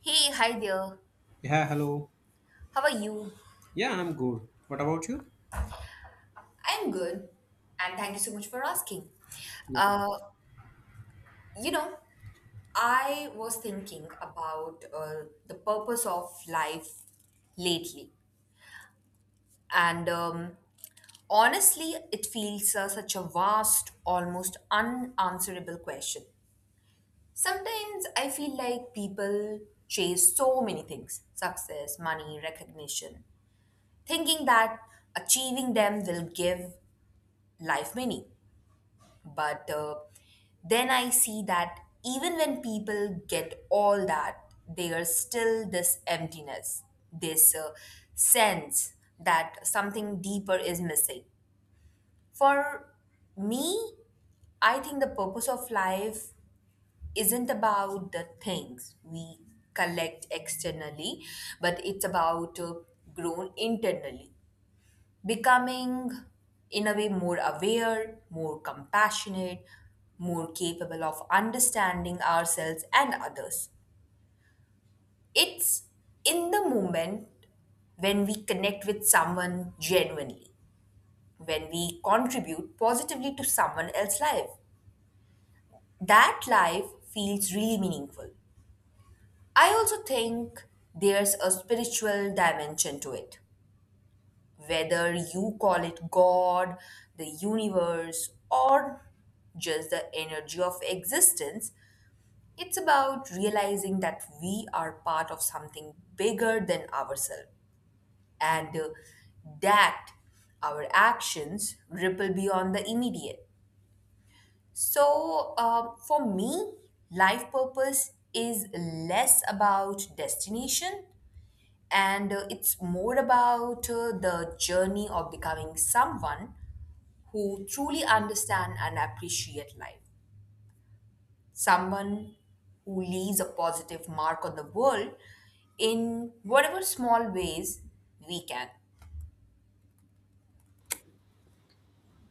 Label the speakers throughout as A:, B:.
A: Hey, hi there.
B: Yeah, hello.
A: How are you?
B: Yeah, I'm good. What about you?
A: I'm good, and thank you so much for asking.
B: Yeah.
A: Uh, you know, I was thinking about the purpose of life lately, and honestly, it feels such a vast, almost unanswerable question. Sometimes I feel like people chase so many things: success, money, recognition, thinking that achieving them will give life meaning. But then I see that even when people get all that, there's still this emptiness, this sense that something deeper is missing. For me, I think the purpose of life isn't about the things we collect externally, but it's about grown internally, becoming, in a way, more aware, more compassionate, more capable of understanding ourselves and others. It's in the moment when we connect with someone genuinely, when we contribute positively to someone else's life. That life feels really meaningful. I also think there's a spiritual dimension to it, whether you call it God, the universe, or just the energy of existence. It's about realizing that we are part of something bigger than ourselves, and that our actions ripple beyond the immediate. So, for me, life purpose is less about destination, and it's more about the journey of becoming someone who truly understand and appreciate life. Someone who leaves a positive mark on the world in whatever small ways we can.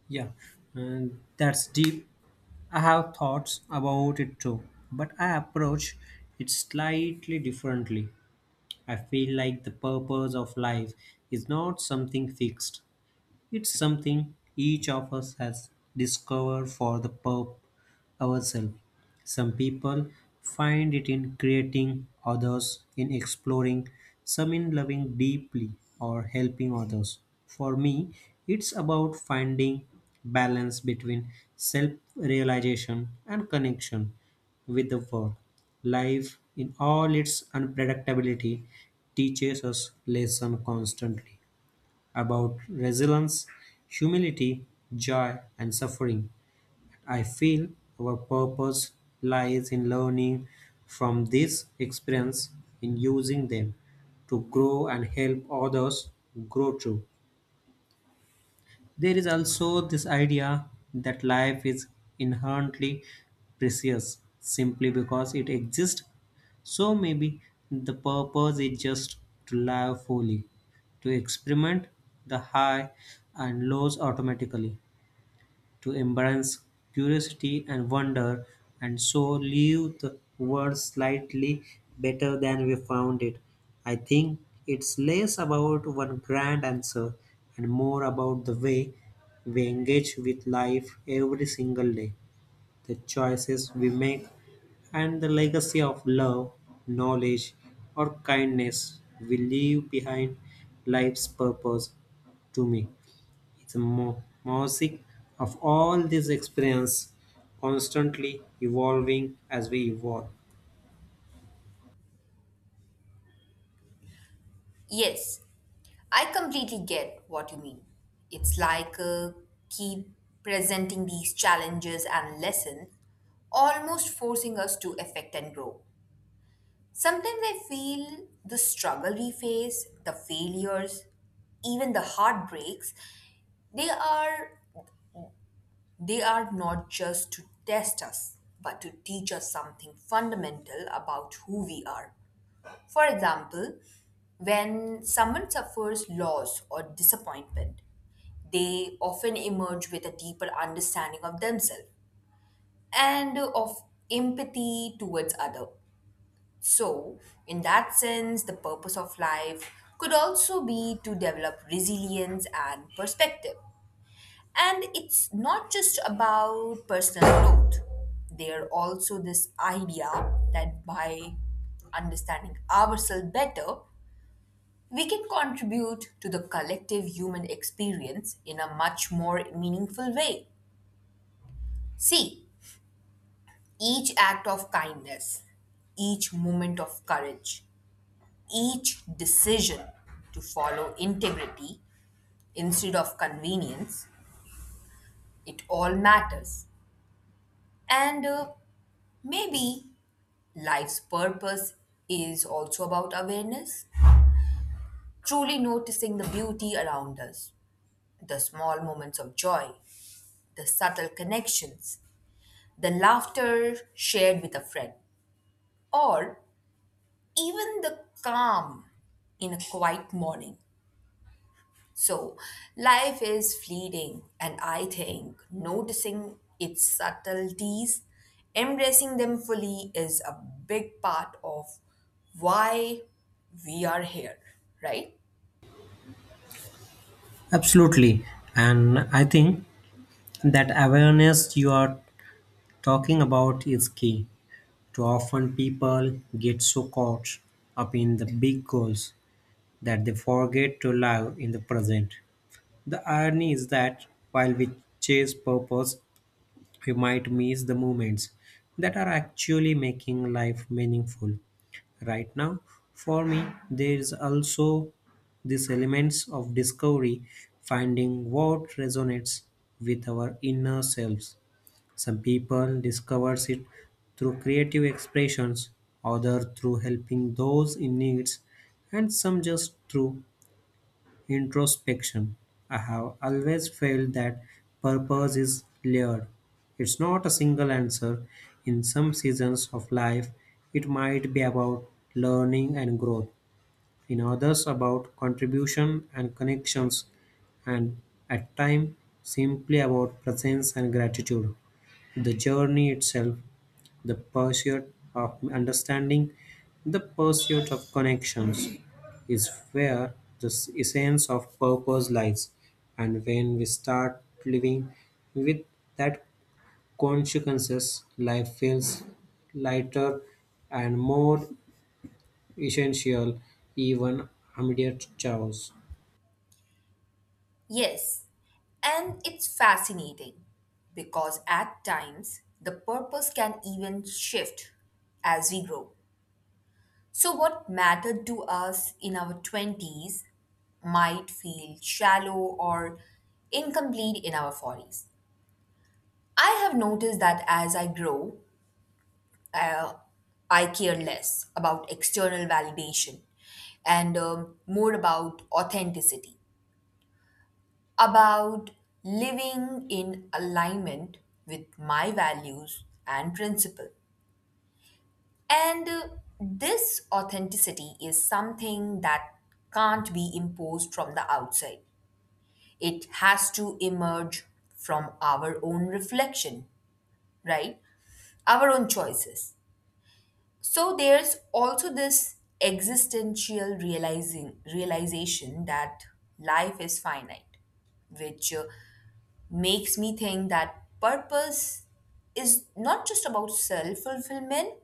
B: Yeah, and that's deep. I have thoughts about it too, but I approach it slightly differently. I feel like the purpose of life is not something fixed, it's something each of us has discovered for the ourselves. Some people find it in creating, others in exploring, some in loving deeply or helping others. For me, it's about finding balance between self-realization and connection with the world. Life in all its unpredictability teaches us lesson constantly about resilience, humility, joy and suffering. I feel our purpose lies in learning from this experience, in using them to grow and help others grow too. There is also this idea that life is inherently precious simply because it exists. So maybe the purpose is just to live fully, to experiment the high and lows automatically to embrace curiosity and wonder, and so leave the world slightly better than we found it. I think it's less about one grand answer and more about the way we engage with life every single day, the choices we make, and the legacy of love, knowledge, or kindness we leave behind life's purpose to me. It's a mosaic of all these experiences, constantly evolving as we evolve.
A: Yes, I completely get what you mean. It's like, keep presenting these challenges and lessons, almost forcing us to affect and grow. Sometimes I feel the struggle we face, the failures, even the heartbreaks, they are they are not just to test us, but to teach us something fundamental about who we are. For example, when someone suffers loss or disappointment, they often emerge with a deeper understanding of themselves and of empathy towards other. So, in that sense, the purpose of life could also be to develop resilience and perspective. And it's not just about personal growth. There also this idea that by understanding ourselves better, we can contribute to the collective human experience in a much more meaningful way. See, each act of kindness, each moment of courage, each decision to follow integrity instead of convenience, it all matters. And maybe life's purpose is also about awareness, truly noticing the beauty around us, the small moments of joy, the subtle connections, the laughter shared with a friend, or even the calm in a quiet morning. So, life is fleeting, and I think noticing its subtleties, embracing them fully, is a big part of why we are here, right?
B: Absolutely. And I think that awareness you are talking about is key. Too often people get so caught up in the big goals that they forget to live in the present. The irony is that while we chase purpose, we might miss the moments that are actually making life meaningful. Right now, for me, there is also this elements of discovery, finding what resonates with our inner selves. Some people discovers it through creative expressions, other through helping those in needs, and some just through introspection. I have always felt that purpose is layered. It's not a single answer. In some seasons of life, it might be about learning and growth, in others, about contribution and connections, and at times, simply about presence and gratitude. The journey itself, the pursuit of understanding, the pursuit of connections is where the essence of purpose lies. And when we start living with that consequences, life feels lighter and more essential even amid chaos.
A: Yes, and it's fascinating because at times the purpose can even shift as we grow. So, what mattered to us in our 20s might feel shallow or incomplete in our 40s. I have noticed that as I grow, uh, I care less about external validation, and more about authenticity, about living in alignment with my values and principle. And this authenticity is something that can't be imposed from the outside. It has to emerge from our own reflection, right? Our own choices. So there's also this existential realizing realization that life is finite, which makes me think that purpose is not just about self fulfillment,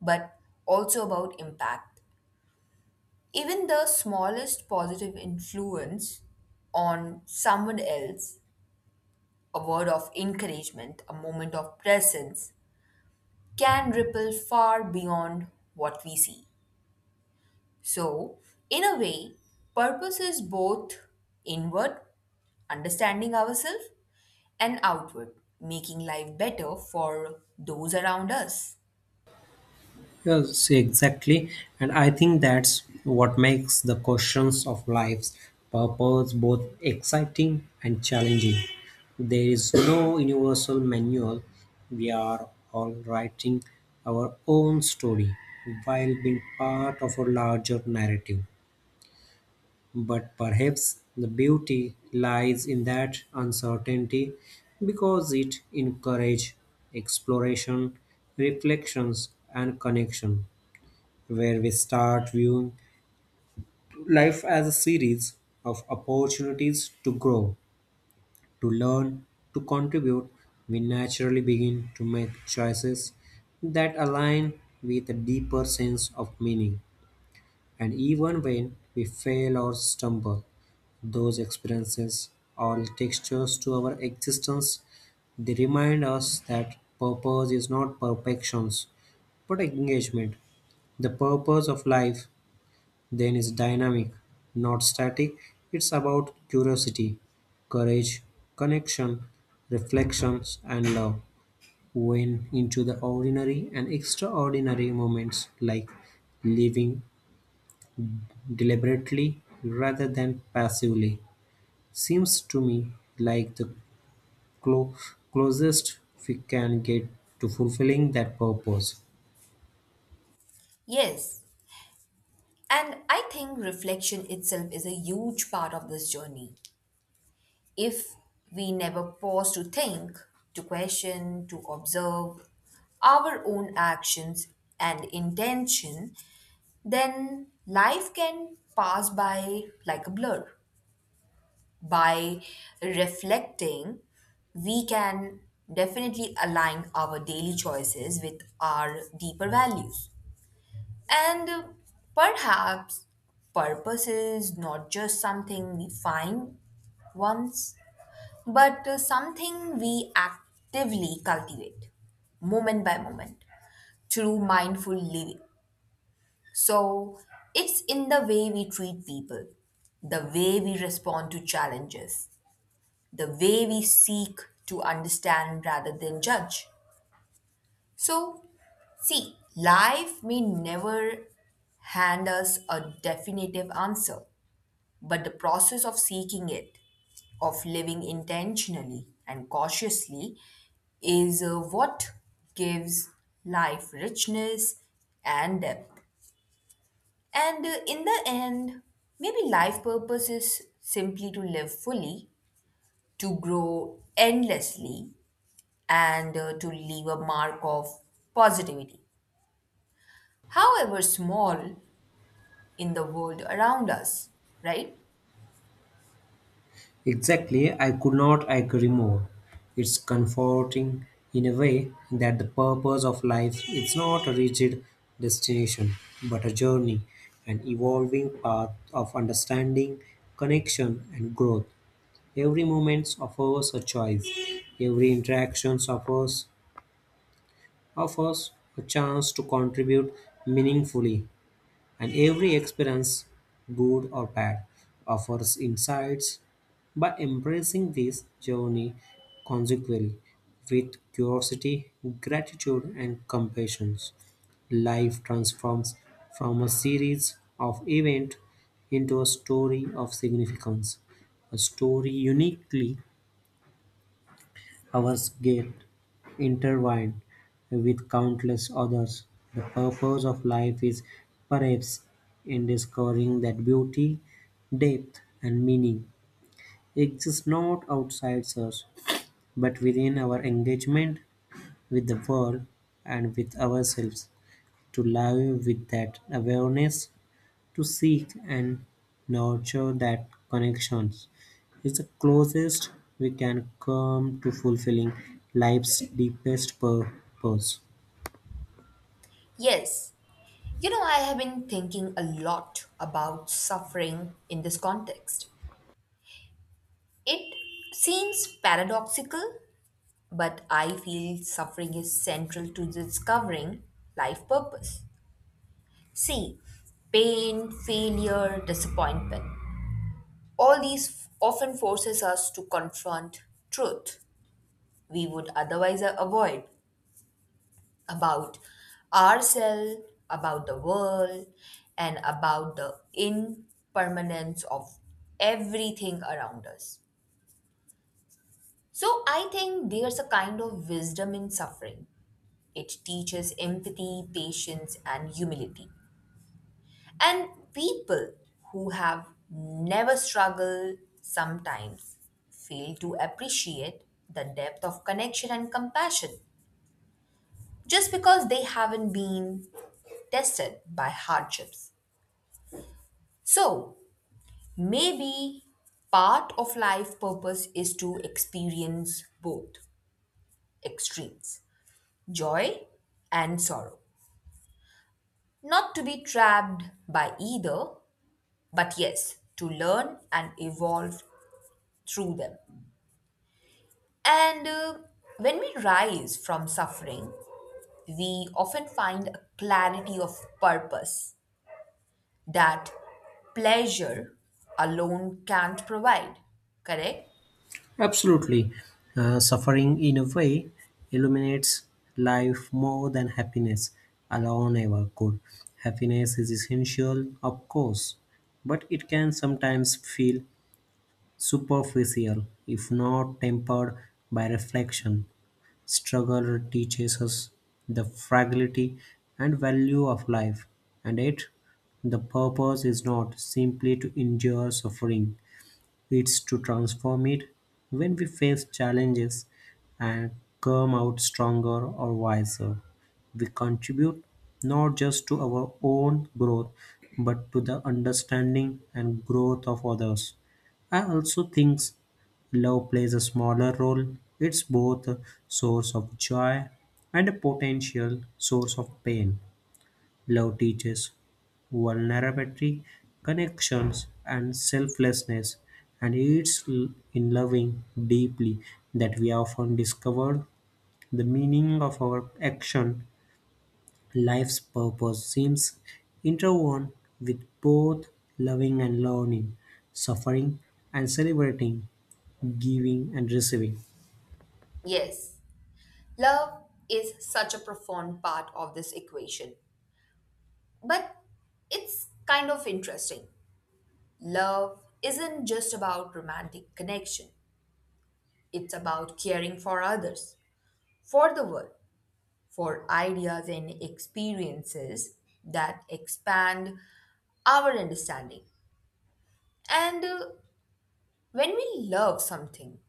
A: but also about impact. Even the smallest positive influence on someone else, a word of encouragement, a moment of presence, can ripple far beyond what we see. So, in a way, purpose is both inward, understanding ourselves, and outward, making life better for those around us.
B: Yes, exactly. And I think that's what makes the questions of life's purpose both exciting and challenging. There is no universal manual. We are all writing our own story while being part of a larger narrative. But perhaps the beauty lies in that uncertainty because it encourages exploration, reflections, and connection. Where we start viewing life as a series of opportunities to grow, to learn, to contribute, we naturally begin to make choices that align with a deeper sense of meaning. And even when we fail or stumble, those experiences are textures to our existence. They remind us that purpose is not perfections, but engagement. The purpose of life then is dynamic, not static. It's about curiosity, courage, connection, reflections, and love. When into the ordinary and extraordinary moments like living deliberately rather than passively seems to me like the clo- closest we can get to fulfilling that purpose.
A: Yes, and I think reflection itself is a huge part of this journey. If we never pause to think, to question, to observe our own actions and intention, then life can pass by like a blur. By reflecting, we can definitely align our daily choices with our deeper values. And perhaps purpose is not just something we find once, but something we actively cultivate moment by moment through mindful living. So it's in the way we treat people, the way we respond to challenges, the way we seek to understand rather than judge. So, see, life may never hand us a definitive answer, but the process of seeking it, of living intentionally and cautiously, is what gives life richness and depth. And in the end, maybe life purpose is simply to live fully, to grow endlessly, and to leave a mark of positivity, however small, in the world around us, right?
B: Exactly, I could not agree more. It's comforting in a way that the purpose of life is not a rigid destination, but a journey, an evolving path of understanding, connection, and growth. Every moment offers a choice, every interaction offers a chance to contribute meaningfully, and every experience, good or bad, offers insights. By embracing this journey consequently with curiosity, gratitude, and compassion, life transforms from a series of events into a story of significance, a story uniquely Our's get intertwined with countless others. The purpose of life is perhaps in discovering that beauty, depth, and meaning exist not outside us, but within our engagement with the world and with ourselves. To live with that awareness, to seek and nurture that connections is the closest we can come to fulfilling life's deepest purpose.
A: Yes, you know, I have been thinking a lot about suffering in this context. It seems paradoxical, but I feel suffering is central to discovering life purpose. See, pain, failure, disappointment, all these often forces us to confront truth we would otherwise avoid, about ourselves, about the world, and about the impermanence of everything around us. So I think there's a kind of wisdom in suffering. It teaches empathy, patience, and humility. And people who have never struggled sometimes fail to appreciate the depth of connection and compassion just because they haven't been tested by hardships. So maybe part of life purpose is to experience both extremes, joy and sorrow. Not to be trapped by either, but yes, to learn and evolve through them. And when we rise from suffering, we often find a clarity of purpose that pleasure alone can't provide. Correct?
B: Absolutely. Suffering, in a way, illuminates life more than happiness alone ever could. Happiness is essential, of course, but it can sometimes feel superficial if not tempered by reflection. Struggle teaches us the fragility and value of life, and it, the purpose is not simply to endure suffering, it's to transform it when we face challenges and come out stronger or wiser. We contribute not just to our own growth but to the understanding and growth of others. I also think love plays a smaller role. It's both a source of joy and a potential source of pain. Love teaches vulnerability, connections, and selflessness, and it's in loving deeply that we often discover the meaning of our action. Life's purpose seems interwoven with both loving and learning, suffering and celebrating, giving and receiving.
A: Yes. Love is such a profound part of this equation, but it's kind of interesting. Love isn't just about romantic connection, it's about caring for others, for the world, for ideas and experiences that expand our understanding. And when we love something,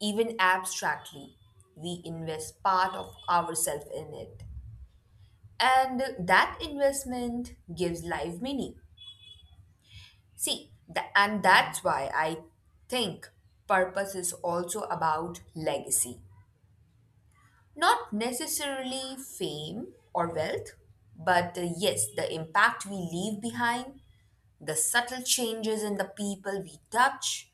A: even abstractly, we invest part of ourselves in it. And that investment gives life meaning. See, and that's why I think purpose is also about legacy. Not necessarily fame or wealth, but yes, the impact we leave behind, the subtle changes in the people we touch,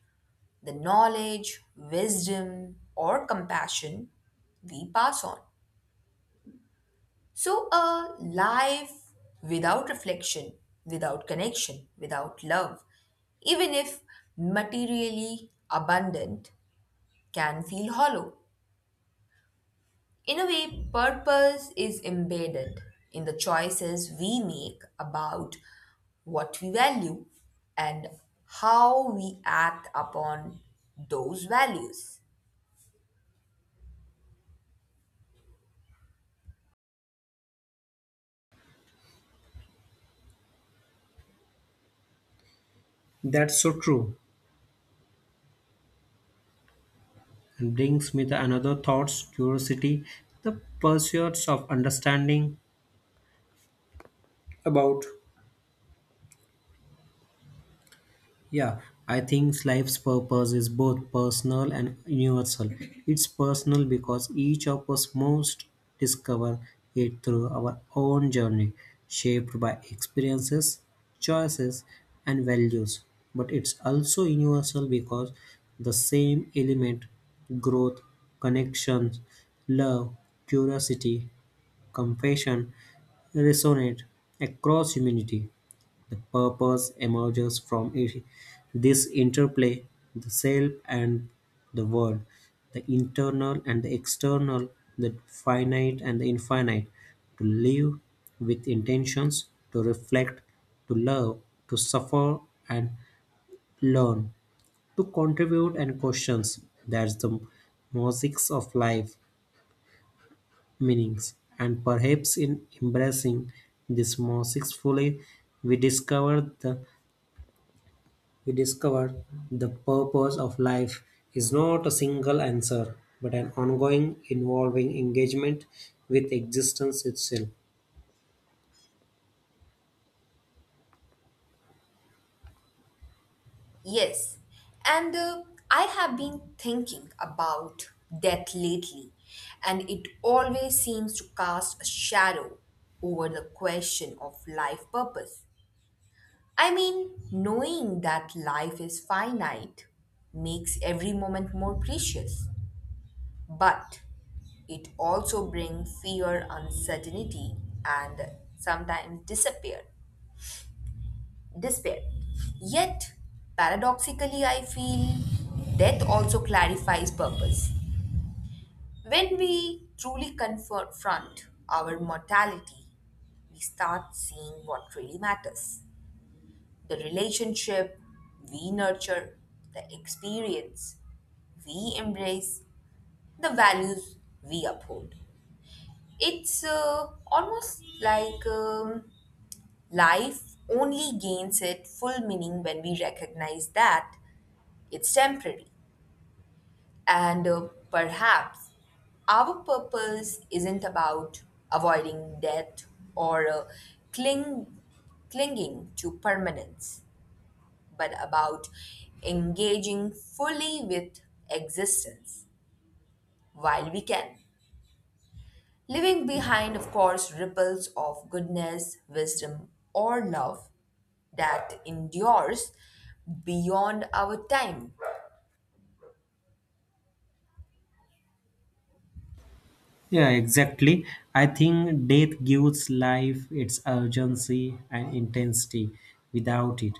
A: the knowledge, wisdom, or compassion we pass on. So, a life without reflection, without connection, without love, even if materially abundant, can feel hollow. In a way, purpose is embedded in the choices we make about what we value and how we act upon those values.
B: That's so true. And brings me to another thoughts, curiosity, the pursuits of understanding about. Yeah, I think life's purpose is both personal and universal. It's personal because each of us must discover it through our own journey, shaped by experiences, choices, and values. But it's also universal because the same element growth, connections, love, curiosity, compassion resonate across humanity. The purpose emerges from this interplay, the self and the world, the internal and the external, the finite and the infinite, to live with intentions, to reflect, to love, to suffer and learn, to contribute and questions. That's the mosaics of life meanings, and perhaps in embracing this mosaics fully, we discover the We discovered the purpose of life is not a single answer, but an ongoing, involving engagement with existence itself.
A: Yes, and I have been thinking about death lately, and it always seems to cast a shadow over the question of life purpose. I mean, knowing that life is finite makes every moment more precious, but it also brings fear, uncertainty, and sometimes disappear. Despair. Yet, paradoxically, I feel death also clarifies purpose. When we truly confront our mortality, we start seeing what really matters: the relationship we nurture, the experience we embrace, the values we uphold. It's almost like, life only gains its full meaning when we recognize that it's temporary, and perhaps our purpose isn't about avoiding death or cling, clinging to permanence, but about engaging fully with existence while we can. Leaving behind, of course, ripples of goodness, wisdom, or love that endures beyond our time.
B: Yeah, exactly. I think death gives life its urgency and intensity. Without it,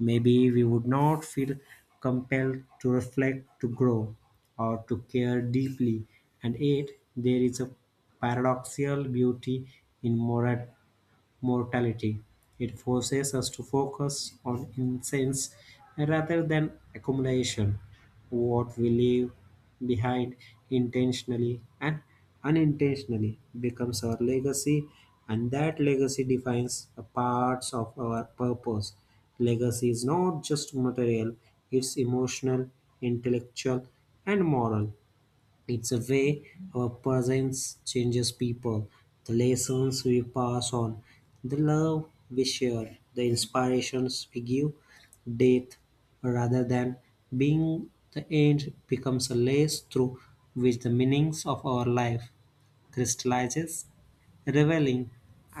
B: maybe we would not feel compelled to reflect, to grow, or to care deeply. And yet, there is a paradoxical beauty in mortality. It forces us to focus on essence rather than accumulation. What we leave behind intentionally and unintentionally becomes our legacy, and that legacy defines a parts of our purpose. Legacy is not just material, it's emotional, intellectual, and moral. It's a way our presence changes people, the lessons we pass on, the love we share, the inspirations we give. Death, rather than being the end, becomes a lens through which the meanings of our life crystallizes, revealing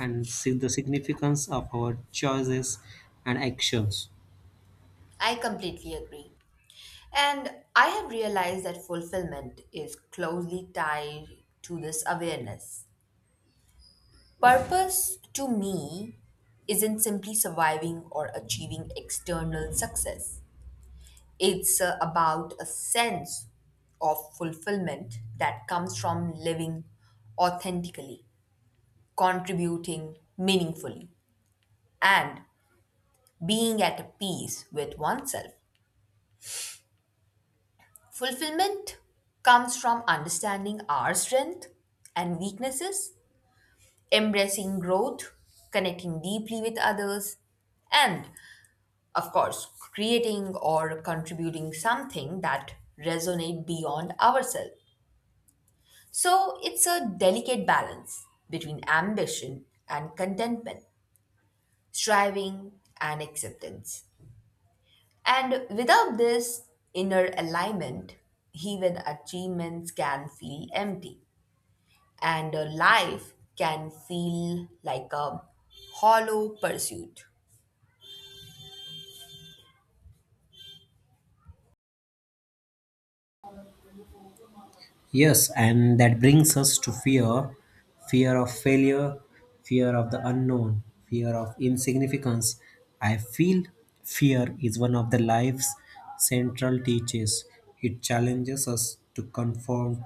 B: and see the significance of our choices and actions.
A: I completely agree. And I have realized that fulfillment is closely tied to this awareness. Purpose, to me, isn't simply surviving or achieving external success, it's about a sense of fulfillment that comes from living authentically, contributing meaningfully, and being at peace with oneself. Fulfillment comes from understanding our strength and weaknesses, embracing growth, connecting deeply with others, and, of course, creating or contributing something that resonate beyond ourselves. So, it's a delicate balance between ambition and contentment, striving and acceptance. And without this inner alignment, even achievements can feel empty, and life can feel like a hollow pursuit.
B: Yes, and that brings us to fear, fear of failure, fear of the unknown, fear of insignificance. I feel fear is one of the life's central teachers. It challenges us to confront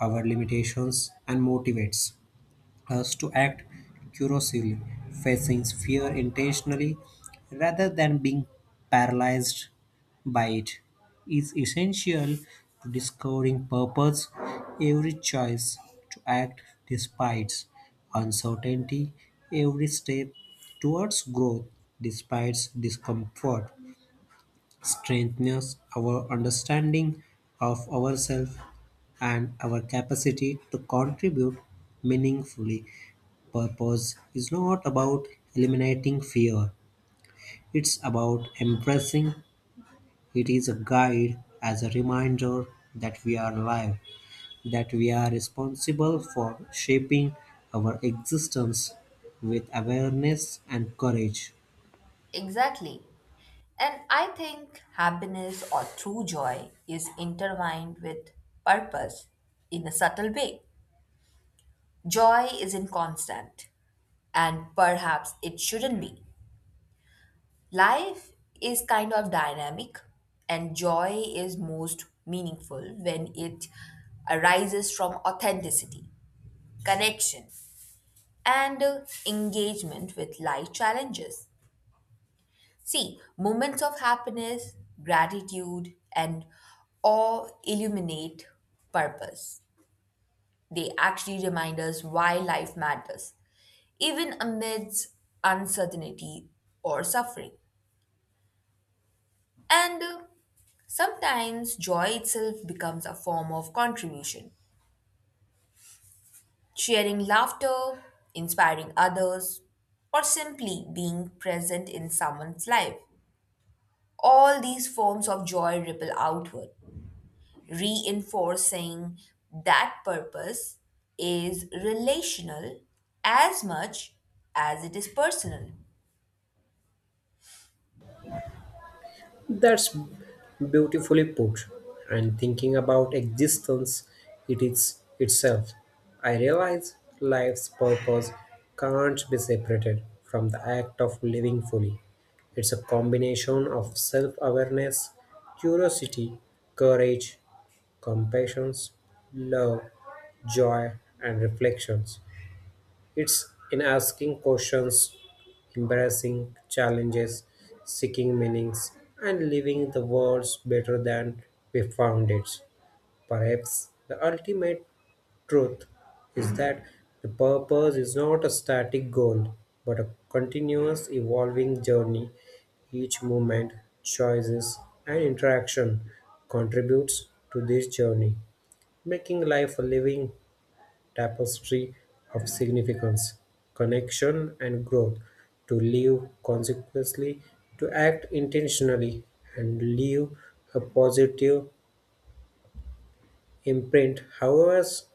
B: our limitations and motivates us to act curiously, facing fear intentionally rather than being paralyzed by it is essential to discovering purpose. Every choice to act despite uncertainty, every step towards growth despite discomfort, strengthens our understanding of ourselves and our capacity to contribute meaningfully. Purpose is not about eliminating fear, it's about embracing it is a guide as a reminder that we are alive, that we are responsible for shaping our existence with awareness and courage.
A: Exactly. And I think happiness or true joy is intertwined with purpose in a subtle way. Joy isn't constant, and perhaps it shouldn't be. Life is kind of dynamic, and joy is most meaningful when it arises from authenticity, connection, and engagement with life challenges. See, moments of happiness, gratitude, and awe illuminate purpose. They actually remind us why life matters, even amidst uncertainty or suffering. And sometimes joy itself becomes a form of contribution, sharing laughter, inspiring others, or simply being present in someone's life. All these forms of joy ripple outward, reinforcing that purpose is relational as much as it is personal.
B: That's beautifully put. And thinking about existence it is itself, I realize life's purpose can't be separated from the act of living fully. It's a combination of self awareness, curiosity, courage, compassion, love, joy, and reflections. It's in asking questions, embracing challenges, seeking meanings, and leaving the world better than we found it. Perhaps the ultimate truth is that the purpose is not a static goal, but a continuous evolving journey. Each movement, choices, and interaction contributes to this journey, making life a living tapestry of significance, connection, and growth, to live consequently, to act intentionally, and leave a positive imprint, however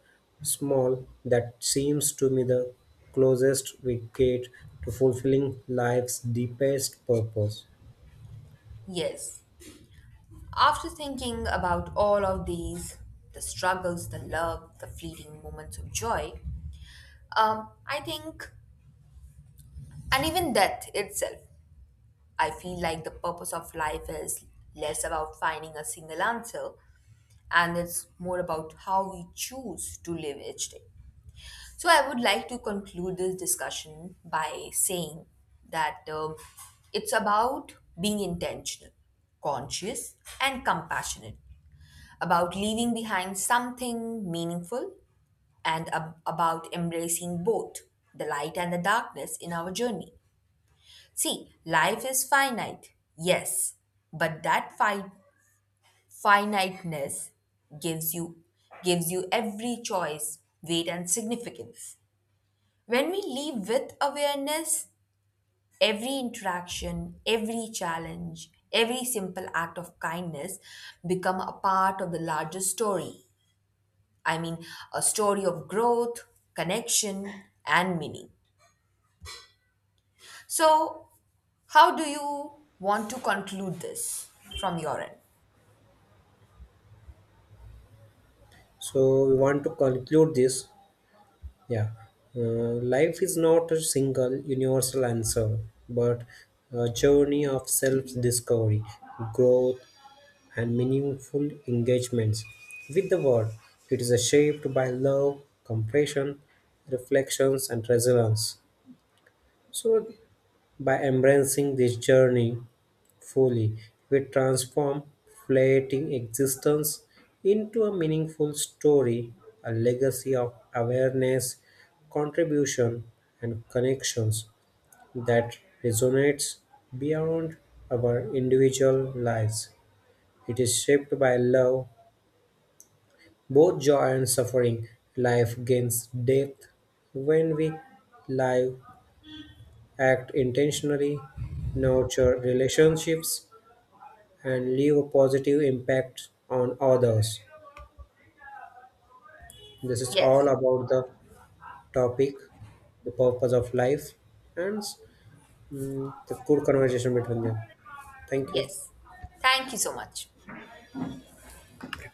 B: small, that seems to me the closest we get to fulfilling life's deepest purpose.
A: Yes, after thinking about all of these, the struggles, the love, the fleeting moments of joy, I think, and even death itself, I feel like the purpose of life is less about finding a single answer, and it's more about how we choose to live each day. So, I would like to conclude this discussion by saying that it's about being intentional, conscious, and compassionate, about leaving behind something meaningful, and about embracing both the light and the darkness in our journey. See, life is finite, yes, but that fight finiteness gives you gives you every choice weight and significance. When we live with awareness, every interaction, every challenge, every simple act of kindness become a part of the larger story. I mean, a story of growth, connection, and meaning. So, how do you want to conclude this from your end?
B: So, we want to conclude this. Yeah, life is not a single universal answer, but a journey of self discovery, growth, and meaningful engagements with the world. It is shaped by love, compassion, reflections, and resilience. So, by embracing this journey fully, we transform fleeting existence into a meaningful story, a legacy of awareness, contribution, and connections that resonates beyond our individual lives. It is shaped by love, both joy and suffering. Life gains depth when we live, act intentionally, nurture relationships, and leave a positive impact on others. This is all
A: Yes.
B: about the topic, the purpose of life, and mm, the good conversation between them. Thank you.
A: Yes, thank you so much.